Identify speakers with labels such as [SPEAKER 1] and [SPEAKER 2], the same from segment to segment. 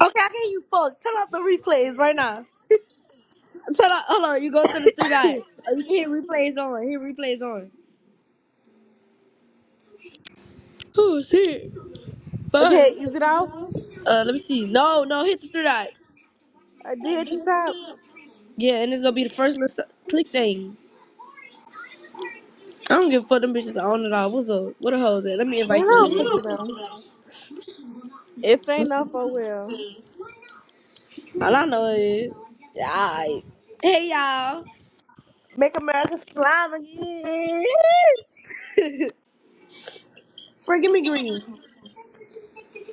[SPEAKER 1] Okay, I can hear you. Fuck. Turn off the replays right now. Turn off. Hold on. You go to the three dots. Oh, you can hear replays on. Hit replays on. Oh shit. Bye.
[SPEAKER 2] okay, is it off?
[SPEAKER 1] Uh, let me see. No, no. Hit the three dots.
[SPEAKER 2] I did at the top.
[SPEAKER 1] Yeah, and it's gonna be the first little s- click thing. I don't give a fuck. Them bitches are on it all. What's up? What the hell is that? Let me
[SPEAKER 2] Man,
[SPEAKER 1] invite
[SPEAKER 2] I
[SPEAKER 1] them.
[SPEAKER 2] don't fucking
[SPEAKER 1] in.
[SPEAKER 2] know. If ain't off, I will.
[SPEAKER 1] All I know is, alright. Hey y'all. Make America slime again. Freaking me green.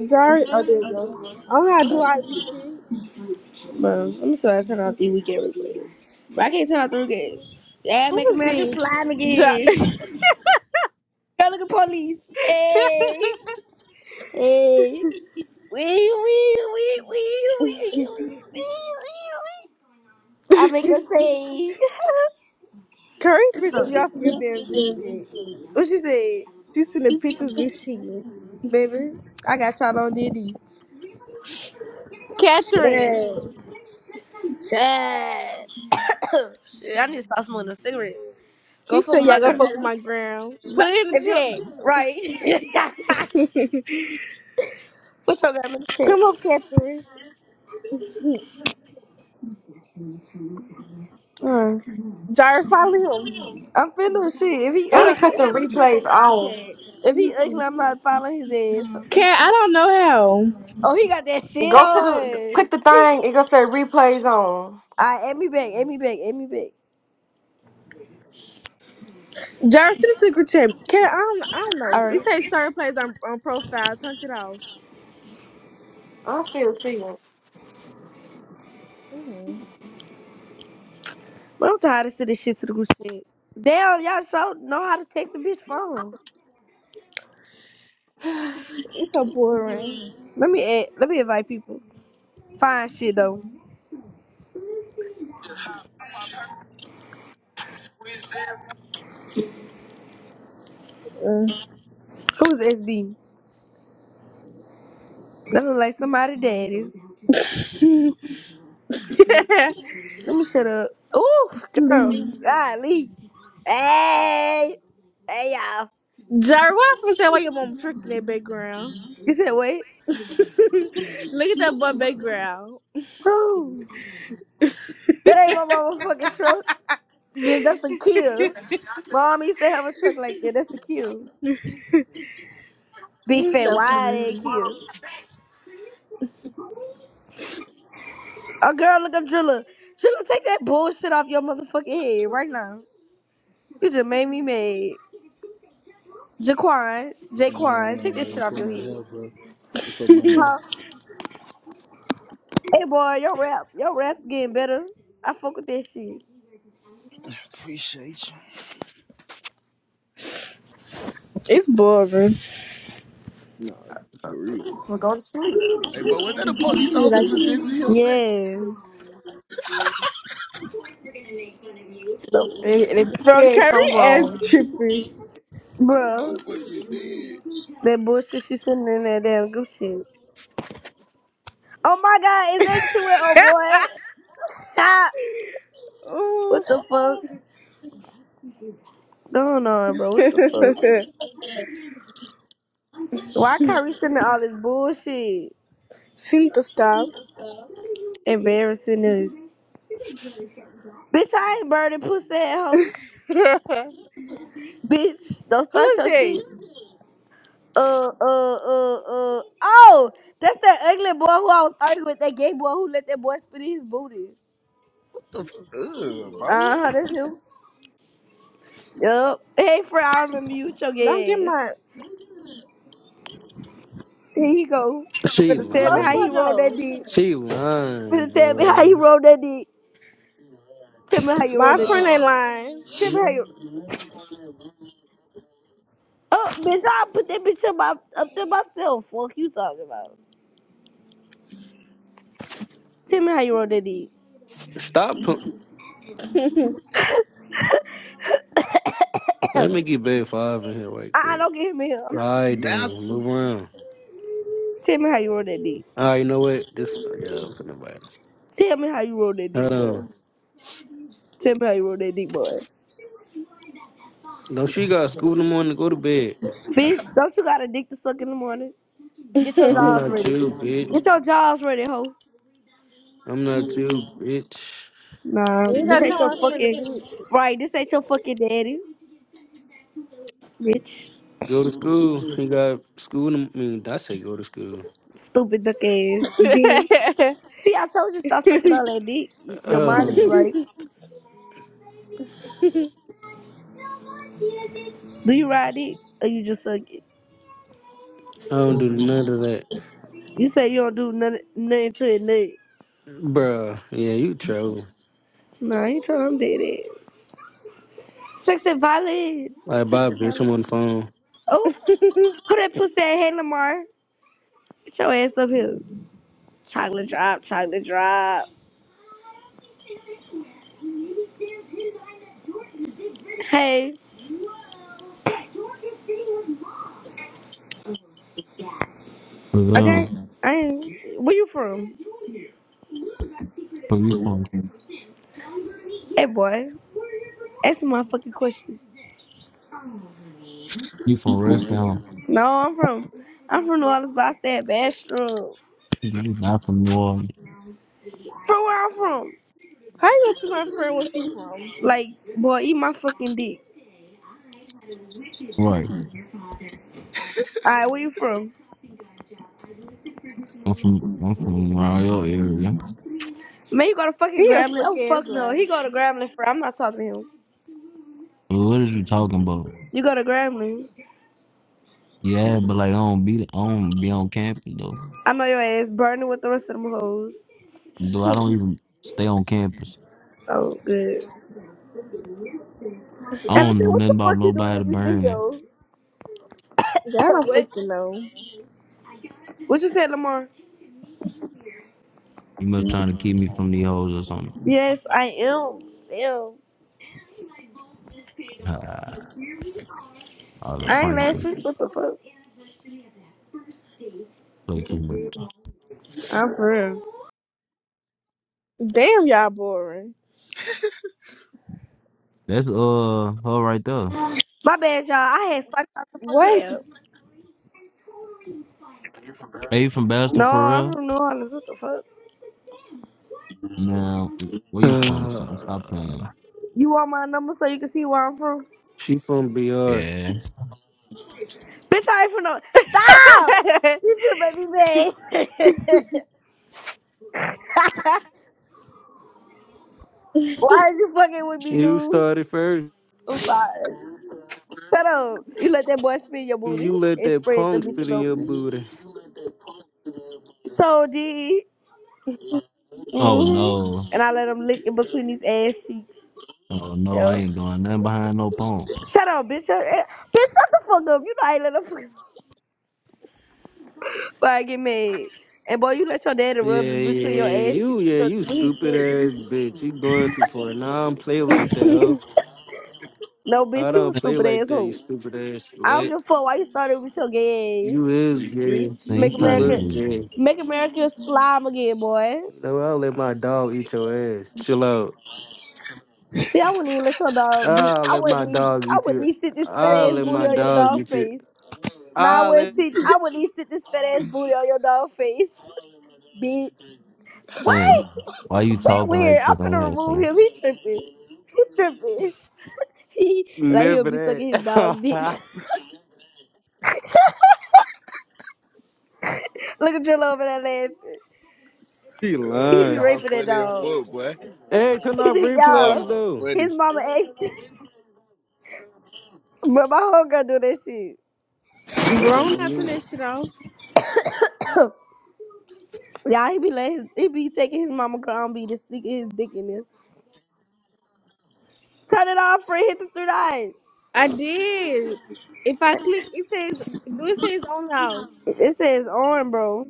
[SPEAKER 2] Jari, oh, there you go. I'm gonna do all this shit.
[SPEAKER 1] Bro, I'm so sorry I turned off the weekend replay. But I can't turn off the weekend. Yeah,
[SPEAKER 2] Who
[SPEAKER 1] make
[SPEAKER 2] was
[SPEAKER 1] America
[SPEAKER 2] this?
[SPEAKER 1] slime again.
[SPEAKER 2] Jari.
[SPEAKER 1] Girl, look at police. Hey, hey. Wee, wee, wee, wee, wee, wee, wee, wee. I make a say.
[SPEAKER 2] Curry pissed me off in this damn group chat.
[SPEAKER 1] what she say,
[SPEAKER 2] She sent the pictures and shit.
[SPEAKER 1] baby? I got y'all on Diddy.
[SPEAKER 2] Catherine.
[SPEAKER 1] Shit. Shit. Shit, I need to stop smoking a cigarette. Go
[SPEAKER 2] He
[SPEAKER 1] fuck
[SPEAKER 2] said,
[SPEAKER 1] with
[SPEAKER 2] y'all
[SPEAKER 1] my
[SPEAKER 2] go
[SPEAKER 1] girl.
[SPEAKER 2] fuck with my ground.
[SPEAKER 1] No,
[SPEAKER 2] Put it in
[SPEAKER 1] if
[SPEAKER 2] the
[SPEAKER 1] you're
[SPEAKER 2] chat.
[SPEAKER 1] right. What's up, that little
[SPEAKER 2] Come
[SPEAKER 1] shit?
[SPEAKER 2] on, Catherine.
[SPEAKER 1] Uh,
[SPEAKER 2] Jari, follow him.
[SPEAKER 1] I'm finna shit. If he
[SPEAKER 2] Uh,
[SPEAKER 3] Y'all done
[SPEAKER 2] I
[SPEAKER 3] cut the
[SPEAKER 1] ugly,
[SPEAKER 2] gotta look him up on
[SPEAKER 3] replays
[SPEAKER 2] my
[SPEAKER 3] off.
[SPEAKER 2] iPad.
[SPEAKER 1] if
[SPEAKER 2] Let me
[SPEAKER 1] he
[SPEAKER 2] see.
[SPEAKER 1] ugly, I'm not following his ass.
[SPEAKER 2] Cat, I don't know how.
[SPEAKER 1] Oh, he got that shit
[SPEAKER 3] Go to the
[SPEAKER 1] on.
[SPEAKER 3] click the
[SPEAKER 1] He,
[SPEAKER 3] thing. It gonna say replays on.
[SPEAKER 1] I add me back, add me back, add me back.
[SPEAKER 2] Jared, to the group chat. Can I don't, I don't know.
[SPEAKER 1] All
[SPEAKER 2] It
[SPEAKER 1] right,
[SPEAKER 2] says certain plays on, on profile. Turn it off.
[SPEAKER 3] I still see it.
[SPEAKER 2] hmm
[SPEAKER 1] but I'm tired of sending shit to the group chat. Damn, y'all so know how to text a bitch phone.
[SPEAKER 2] it's so boring.
[SPEAKER 1] Let me add, let me invite people. Fine shit though.
[SPEAKER 2] Mm.
[SPEAKER 1] Who's SB? That look like somebody daddy. Let me shut up. Ooh, girl,
[SPEAKER 2] Please.
[SPEAKER 1] golly. Hey, hey y'all.
[SPEAKER 2] Jared, why for say why your mom tricking that background?
[SPEAKER 1] You said wait.
[SPEAKER 2] Look at that boy background.
[SPEAKER 1] Bro. That ain't my motherfucking truck. Bitch, that's a kill. My mom used to have a truck like that. That's a kill. Big
[SPEAKER 2] Mm,
[SPEAKER 1] fat
[SPEAKER 2] Stop playing.
[SPEAKER 1] wide ass kill. Oh girl, look up Drilla. Drilla, take that bullshit off your motherfucking head right now. You just made me mad. Jaquan, Jaquan, take that
[SPEAKER 4] Man,
[SPEAKER 1] shit
[SPEAKER 4] look
[SPEAKER 1] off
[SPEAKER 4] for
[SPEAKER 1] your
[SPEAKER 4] my
[SPEAKER 1] head.
[SPEAKER 4] hair, bro. Look for my hair.
[SPEAKER 1] Huh? Hey boy, your rap, your rap's getting better. I fuck with that shit.
[SPEAKER 4] Appreciate you.
[SPEAKER 2] It's boring.
[SPEAKER 4] Nah, for real. Hey, bro, was that a police
[SPEAKER 2] You
[SPEAKER 4] officer
[SPEAKER 2] like
[SPEAKER 4] just in
[SPEAKER 2] it?
[SPEAKER 4] here say?
[SPEAKER 1] Yeah.
[SPEAKER 3] And and it
[SPEAKER 2] Bro,
[SPEAKER 3] said
[SPEAKER 2] Carrie
[SPEAKER 3] something wrong.
[SPEAKER 2] ass trippy.
[SPEAKER 4] I'm
[SPEAKER 1] Bro,
[SPEAKER 4] fucking dead.
[SPEAKER 1] that bullshit she sending in that damn group shit. Oh my god, is that you and oh boy? Stop.
[SPEAKER 2] Ooh.
[SPEAKER 1] What the fuck going on, bro? What the fuck? Why Kyrie sending all this bullshit?
[SPEAKER 2] she need to stop.
[SPEAKER 1] Embarrassing this. Bitch, I ain't burning pussy at hoe.
[SPEAKER 2] Who
[SPEAKER 1] Bitch, don't start
[SPEAKER 2] is
[SPEAKER 1] your
[SPEAKER 2] this?
[SPEAKER 1] shit. Uh, uh, uh, uh. Oh, that's that ugly boy who I was arguing with, that gay boy who let that boy spit in his booty.
[SPEAKER 4] The fuck, bro?
[SPEAKER 1] Uh huh, that's him. Yup. Hey, friend, I remember you with your
[SPEAKER 2] Don't get
[SPEAKER 1] gay ass.
[SPEAKER 2] my
[SPEAKER 1] Here you go.
[SPEAKER 5] She
[SPEAKER 1] Finna tell me
[SPEAKER 2] Close
[SPEAKER 1] how
[SPEAKER 5] lying.
[SPEAKER 1] he
[SPEAKER 2] her
[SPEAKER 1] rolled that
[SPEAKER 2] though.
[SPEAKER 1] dick.
[SPEAKER 5] She lying,
[SPEAKER 1] Finna tell me how he
[SPEAKER 5] bro.
[SPEAKER 1] rolled that dick. Tell me how you rolled
[SPEAKER 2] My
[SPEAKER 1] that
[SPEAKER 2] friend
[SPEAKER 1] dick.
[SPEAKER 2] ain't
[SPEAKER 4] Nah,
[SPEAKER 2] lying.
[SPEAKER 1] Tell me how you. Oh, bitch, I put that bitch up, my, up there myself. Fuck you talking about. Tell me how you roll that dick.
[SPEAKER 5] Stop. Pu-
[SPEAKER 2] you
[SPEAKER 1] I,
[SPEAKER 5] Let me get bad five in here right
[SPEAKER 1] I
[SPEAKER 5] quick.
[SPEAKER 1] don't get him in here.
[SPEAKER 5] All
[SPEAKER 1] I'm,
[SPEAKER 5] right, then.
[SPEAKER 4] massive.
[SPEAKER 5] Move around.
[SPEAKER 1] tell me how you roll that dick.
[SPEAKER 5] All right, you know what? This, oh, yeah, I'm finna buy this.
[SPEAKER 1] Tell me how you roll that
[SPEAKER 5] Hold
[SPEAKER 1] dick,
[SPEAKER 5] on.
[SPEAKER 1] boy. Tell me how you roll that dick, boy.
[SPEAKER 5] Don't she got school in the morning to go to bed?
[SPEAKER 1] Bitch, don't you got a dick to suck in the morning? Get your
[SPEAKER 5] I'm
[SPEAKER 1] jaws
[SPEAKER 5] not
[SPEAKER 1] ready.
[SPEAKER 5] you, bitch.
[SPEAKER 1] Get your jaws ready, ho.
[SPEAKER 5] I'm not you, bitch.
[SPEAKER 1] Nah,
[SPEAKER 2] ain't
[SPEAKER 1] this
[SPEAKER 2] gotta
[SPEAKER 1] ain't
[SPEAKER 2] come
[SPEAKER 1] your
[SPEAKER 2] out from the
[SPEAKER 1] fucking
[SPEAKER 2] beach.
[SPEAKER 1] right. This ain't your fucking daddy, bitch.
[SPEAKER 5] Go to school. You got school in the, I mean, I say go to school.
[SPEAKER 1] Stupid duck ass dick. See, I told you stop sucking all that dick. Y- Your mind will be
[SPEAKER 5] Uh,
[SPEAKER 1] right. Do you ride it or you just suck it?
[SPEAKER 5] I don't do none of that.
[SPEAKER 1] You say you don't do nothing, nothing to it, nut.
[SPEAKER 5] Bruh, yeah, you troll.
[SPEAKER 1] Nah, you tell him did it. Sex and violence.
[SPEAKER 5] Like,
[SPEAKER 1] Sex
[SPEAKER 5] bye,
[SPEAKER 1] and
[SPEAKER 5] bitch. I'm on
[SPEAKER 1] violence.
[SPEAKER 5] the
[SPEAKER 1] Oh, who that pussy at? Hey, Lamar. Get your ass up here. Chocolate drop, chocolate drop. Hey,
[SPEAKER 6] Cause
[SPEAKER 1] okay.
[SPEAKER 6] um,
[SPEAKER 1] I am. Where you from?
[SPEAKER 6] so you from
[SPEAKER 1] Hey, boy. Ask me my fucking questions.
[SPEAKER 6] you from Redstone?
[SPEAKER 1] No, I'm from. I'm from New Orleans, but I stay at Bastrop.
[SPEAKER 6] You got not from New Orleans,
[SPEAKER 1] From where I'm from.
[SPEAKER 2] How you go to my friend where she from?
[SPEAKER 1] Like, boy, eat my fucking dick.
[SPEAKER 6] right?
[SPEAKER 1] All right, where you from?
[SPEAKER 6] I'm from I'm from around your area.
[SPEAKER 1] Man, you go to fucking
[SPEAKER 2] He a
[SPEAKER 1] Grambling.
[SPEAKER 2] fuck
[SPEAKER 1] Oh fuck
[SPEAKER 2] ass
[SPEAKER 1] no,
[SPEAKER 2] lie.
[SPEAKER 1] he go to Grambling for. I'm not talking to him.
[SPEAKER 6] What is you talking about?
[SPEAKER 1] You go to Grambling.
[SPEAKER 6] Yeah, but like I don't be I don't be on campus though.
[SPEAKER 1] I know your ass burning with the rest of them hoes.
[SPEAKER 6] Though I don't even stay on campus.
[SPEAKER 1] Oh good.
[SPEAKER 6] I don't
[SPEAKER 1] Allison,
[SPEAKER 6] know
[SPEAKER 1] what the
[SPEAKER 6] nothing about
[SPEAKER 1] fuck you doing
[SPEAKER 6] nobody
[SPEAKER 1] in this
[SPEAKER 6] burning.
[SPEAKER 1] video?
[SPEAKER 2] Y'all don't
[SPEAKER 1] what?
[SPEAKER 2] fucking know.
[SPEAKER 1] What you said, Lamar?
[SPEAKER 6] You must trying to keep me from the hoes or something.
[SPEAKER 1] Yes, I am. Damn,
[SPEAKER 6] Ah, All that
[SPEAKER 1] I ain't
[SPEAKER 6] pranking,
[SPEAKER 1] laughing. What the fuck?
[SPEAKER 6] play too much.
[SPEAKER 1] I'm for real.
[SPEAKER 2] Damn y'all boring.
[SPEAKER 6] That's uh her right there.
[SPEAKER 1] My bad, y'all. I had spiked out the fucking
[SPEAKER 2] What?
[SPEAKER 1] app.
[SPEAKER 6] Hey, you from Boston
[SPEAKER 1] No,
[SPEAKER 6] for
[SPEAKER 1] I'm
[SPEAKER 6] real?
[SPEAKER 1] from New Orleans. What the fuck?
[SPEAKER 6] Now, where you from? Or something? Stop
[SPEAKER 5] phone.
[SPEAKER 6] playing.
[SPEAKER 1] You want my number so you can see where I'm from?
[SPEAKER 5] She from BR.
[SPEAKER 6] Yeah.
[SPEAKER 1] Bitch, I ain't from no. stop. You finna make me mad. Why are you fucking with me,
[SPEAKER 5] You
[SPEAKER 1] dude?
[SPEAKER 5] started first.
[SPEAKER 1] I'm sorry. Shut up. You let that boy spin your booty
[SPEAKER 5] You let
[SPEAKER 1] and
[SPEAKER 5] that
[SPEAKER 1] spread the
[SPEAKER 5] punk spit
[SPEAKER 1] bitches
[SPEAKER 5] in your
[SPEAKER 1] open.
[SPEAKER 5] booty.
[SPEAKER 1] So did.
[SPEAKER 6] Oh
[SPEAKER 1] hmm
[SPEAKER 6] no.
[SPEAKER 1] And I let him lick in between these ass cheeks.
[SPEAKER 6] Oh no, I
[SPEAKER 1] Yo.
[SPEAKER 6] ain't doing nothing behind no phone.
[SPEAKER 1] Shut up, bitch. Shut, eh, bitch, shut the fuck up. You know I ain't let him fuck But I get mad. And boy, you let your daddy
[SPEAKER 5] Yeah,
[SPEAKER 1] rub in
[SPEAKER 5] yeah,
[SPEAKER 1] between your ass
[SPEAKER 5] you,
[SPEAKER 1] cheeks with
[SPEAKER 5] yeah,
[SPEAKER 1] your
[SPEAKER 5] you
[SPEAKER 1] weak
[SPEAKER 5] stupid
[SPEAKER 1] bitch.
[SPEAKER 5] ass bitch. You going too far. Nah, I don't play like that, huh?
[SPEAKER 1] No,
[SPEAKER 5] I
[SPEAKER 1] bitch, you a
[SPEAKER 5] don't
[SPEAKER 6] Sam,
[SPEAKER 5] play
[SPEAKER 1] stupid
[SPEAKER 5] like that, you
[SPEAKER 1] asshole.
[SPEAKER 5] stupid ass
[SPEAKER 1] I don't
[SPEAKER 5] slut.
[SPEAKER 1] give a fuck why you started with your gay ass.
[SPEAKER 5] You is gay.
[SPEAKER 1] bitch.
[SPEAKER 6] Sam, you
[SPEAKER 1] Make
[SPEAKER 5] You
[SPEAKER 6] probably
[SPEAKER 1] America,
[SPEAKER 5] look
[SPEAKER 6] do.
[SPEAKER 5] gay.
[SPEAKER 1] make America slime again, boy.
[SPEAKER 5] You know, I'll let my dog eat your ass. Chill out.
[SPEAKER 1] See, I wouldn't even let your dog do.
[SPEAKER 5] I'll
[SPEAKER 1] I
[SPEAKER 5] let my
[SPEAKER 1] wouldn't. Even,
[SPEAKER 5] dog
[SPEAKER 1] I
[SPEAKER 5] get
[SPEAKER 1] wouldn't
[SPEAKER 5] you.
[SPEAKER 1] even sit this fat
[SPEAKER 5] I'll
[SPEAKER 1] ass
[SPEAKER 5] let
[SPEAKER 1] booty
[SPEAKER 5] my
[SPEAKER 1] on your
[SPEAKER 5] dog
[SPEAKER 1] dog
[SPEAKER 5] get you.
[SPEAKER 1] face. Nah, I
[SPEAKER 5] I'll let.
[SPEAKER 1] wouldn't sit. I wouldn't even sit this fat ass booty on your dog face, bitch.
[SPEAKER 6] Sam,
[SPEAKER 1] Wait,
[SPEAKER 6] why you
[SPEAKER 1] We
[SPEAKER 6] talking like
[SPEAKER 1] weird. I'm
[SPEAKER 6] that on
[SPEAKER 1] gonna
[SPEAKER 6] here,
[SPEAKER 1] remove
[SPEAKER 6] Sam?
[SPEAKER 1] him. He tripping. He tripping. He like he'll
[SPEAKER 5] Never
[SPEAKER 1] be sucking his dog dick.
[SPEAKER 5] that.
[SPEAKER 1] Look at Jill over there laughing.
[SPEAKER 5] she
[SPEAKER 4] Cuz,
[SPEAKER 1] He
[SPEAKER 4] but
[SPEAKER 1] be
[SPEAKER 5] lying.
[SPEAKER 4] y'all
[SPEAKER 1] raping that
[SPEAKER 4] funny as
[SPEAKER 1] dog.
[SPEAKER 4] fuck, boy.
[SPEAKER 5] Hey, turn off
[SPEAKER 4] Y'all,
[SPEAKER 5] replays
[SPEAKER 1] y'all.
[SPEAKER 4] bro,
[SPEAKER 5] though.
[SPEAKER 1] His
[SPEAKER 4] funny.
[SPEAKER 1] mama asked, but my homegirl do that shit.
[SPEAKER 5] I'm going
[SPEAKER 2] Grown
[SPEAKER 5] on
[SPEAKER 2] up in
[SPEAKER 5] mute.
[SPEAKER 2] this shit on.
[SPEAKER 1] Yeah, he be let his, he be taking his mama crown, be just sneaking his dick in it. Turn it off, Fred. Hit the three dots.
[SPEAKER 2] I did. If I click it says do it says on how?
[SPEAKER 1] It says on, bro.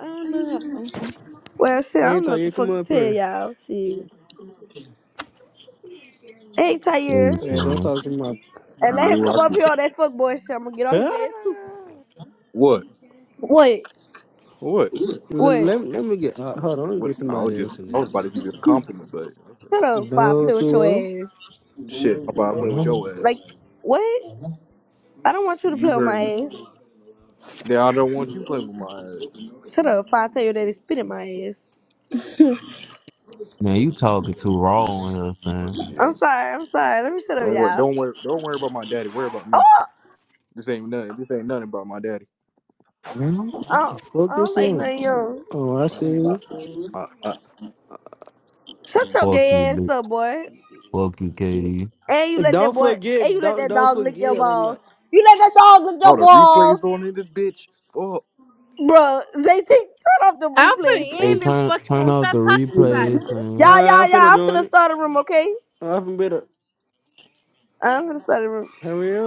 [SPEAKER 2] I don't know.
[SPEAKER 1] Well, shit, I
[SPEAKER 5] Hey,
[SPEAKER 1] don't know
[SPEAKER 5] Ty,
[SPEAKER 1] what the
[SPEAKER 5] you come
[SPEAKER 1] fuck to
[SPEAKER 5] up
[SPEAKER 1] tell
[SPEAKER 5] here.
[SPEAKER 1] y'all. Shit. Hey, Tyre.
[SPEAKER 6] Seriously,
[SPEAKER 5] Hey, don't
[SPEAKER 6] man.
[SPEAKER 5] talk to my.
[SPEAKER 1] And let him
[SPEAKER 7] Ooh, I
[SPEAKER 1] come up
[SPEAKER 7] see
[SPEAKER 1] here on that fuckboy shit. I'm gonna get on his ass too.
[SPEAKER 5] Ah!
[SPEAKER 7] What?
[SPEAKER 1] Wait,
[SPEAKER 7] What?
[SPEAKER 5] let,
[SPEAKER 1] wait.
[SPEAKER 5] let, let me get. Uh, hold on, let me
[SPEAKER 7] What?
[SPEAKER 5] get
[SPEAKER 7] I was
[SPEAKER 5] somebody
[SPEAKER 7] just,
[SPEAKER 5] else in
[SPEAKER 7] I
[SPEAKER 5] this
[SPEAKER 7] was about to
[SPEAKER 5] bitch.
[SPEAKER 7] give you a compliment, but
[SPEAKER 1] Shut up before I
[SPEAKER 5] No,
[SPEAKER 1] play with
[SPEAKER 5] too
[SPEAKER 1] your
[SPEAKER 5] well.
[SPEAKER 1] ass.
[SPEAKER 7] shit, I'm about to
[SPEAKER 5] Oh,
[SPEAKER 7] play with
[SPEAKER 5] no,
[SPEAKER 7] your
[SPEAKER 1] Like,
[SPEAKER 7] ass.
[SPEAKER 1] what? I don't want you to
[SPEAKER 7] You
[SPEAKER 1] play with
[SPEAKER 7] heard
[SPEAKER 1] my
[SPEAKER 7] me.
[SPEAKER 1] ass.
[SPEAKER 7] Yeah, I don't want you playing with my ass.
[SPEAKER 1] Shut up before I tell you that it's spit in my ass.
[SPEAKER 6] Man, you talking too raw on here, Sam.
[SPEAKER 1] I'm
[SPEAKER 7] Yes.
[SPEAKER 1] sorry, I'm sorry. Let me shut up,
[SPEAKER 7] Don't worry.
[SPEAKER 1] y'all.
[SPEAKER 7] Don't worry. Don't worry about my daddy. Worry about me.
[SPEAKER 1] Oh!
[SPEAKER 7] This ain't nothing. This ain't nothing about my daddy.
[SPEAKER 5] no.
[SPEAKER 1] I don't,
[SPEAKER 5] Fuck
[SPEAKER 1] I
[SPEAKER 5] this
[SPEAKER 1] don't like
[SPEAKER 5] thing.
[SPEAKER 1] nothing young.
[SPEAKER 5] Oh, I
[SPEAKER 7] I,
[SPEAKER 5] see.
[SPEAKER 7] I, I,
[SPEAKER 1] Shut your
[SPEAKER 6] Fuck
[SPEAKER 1] gay
[SPEAKER 6] you,
[SPEAKER 1] ass
[SPEAKER 6] dude.
[SPEAKER 1] up, boy.
[SPEAKER 6] Fuck you,
[SPEAKER 5] you.
[SPEAKER 6] KD.
[SPEAKER 1] And you let that
[SPEAKER 5] Don't
[SPEAKER 1] boy, and
[SPEAKER 5] forget.
[SPEAKER 1] you let
[SPEAKER 5] Don't
[SPEAKER 1] that
[SPEAKER 5] don't
[SPEAKER 1] dog lick your
[SPEAKER 5] forget.
[SPEAKER 1] balls. You let that dog lick
[SPEAKER 7] all
[SPEAKER 1] your
[SPEAKER 7] the
[SPEAKER 1] balls.
[SPEAKER 7] replays on in this bitch. Fuck.
[SPEAKER 1] Bruh, they take, turn off the
[SPEAKER 2] I'm
[SPEAKER 1] replays,
[SPEAKER 2] finna
[SPEAKER 6] Hey,
[SPEAKER 2] end this
[SPEAKER 1] please.
[SPEAKER 6] turn
[SPEAKER 2] fucking
[SPEAKER 6] turn
[SPEAKER 2] room.
[SPEAKER 6] off the
[SPEAKER 2] Stop talking about it.
[SPEAKER 6] replays,
[SPEAKER 5] All
[SPEAKER 6] Sam.
[SPEAKER 1] Y'all,
[SPEAKER 5] right,
[SPEAKER 1] y'all,
[SPEAKER 5] I'm
[SPEAKER 1] y'all,
[SPEAKER 5] finna
[SPEAKER 1] I'm
[SPEAKER 5] join
[SPEAKER 1] finna
[SPEAKER 5] it.
[SPEAKER 1] start a room, okay?
[SPEAKER 5] I'm finna better.
[SPEAKER 1] I'm finna start a room.
[SPEAKER 5] Hurry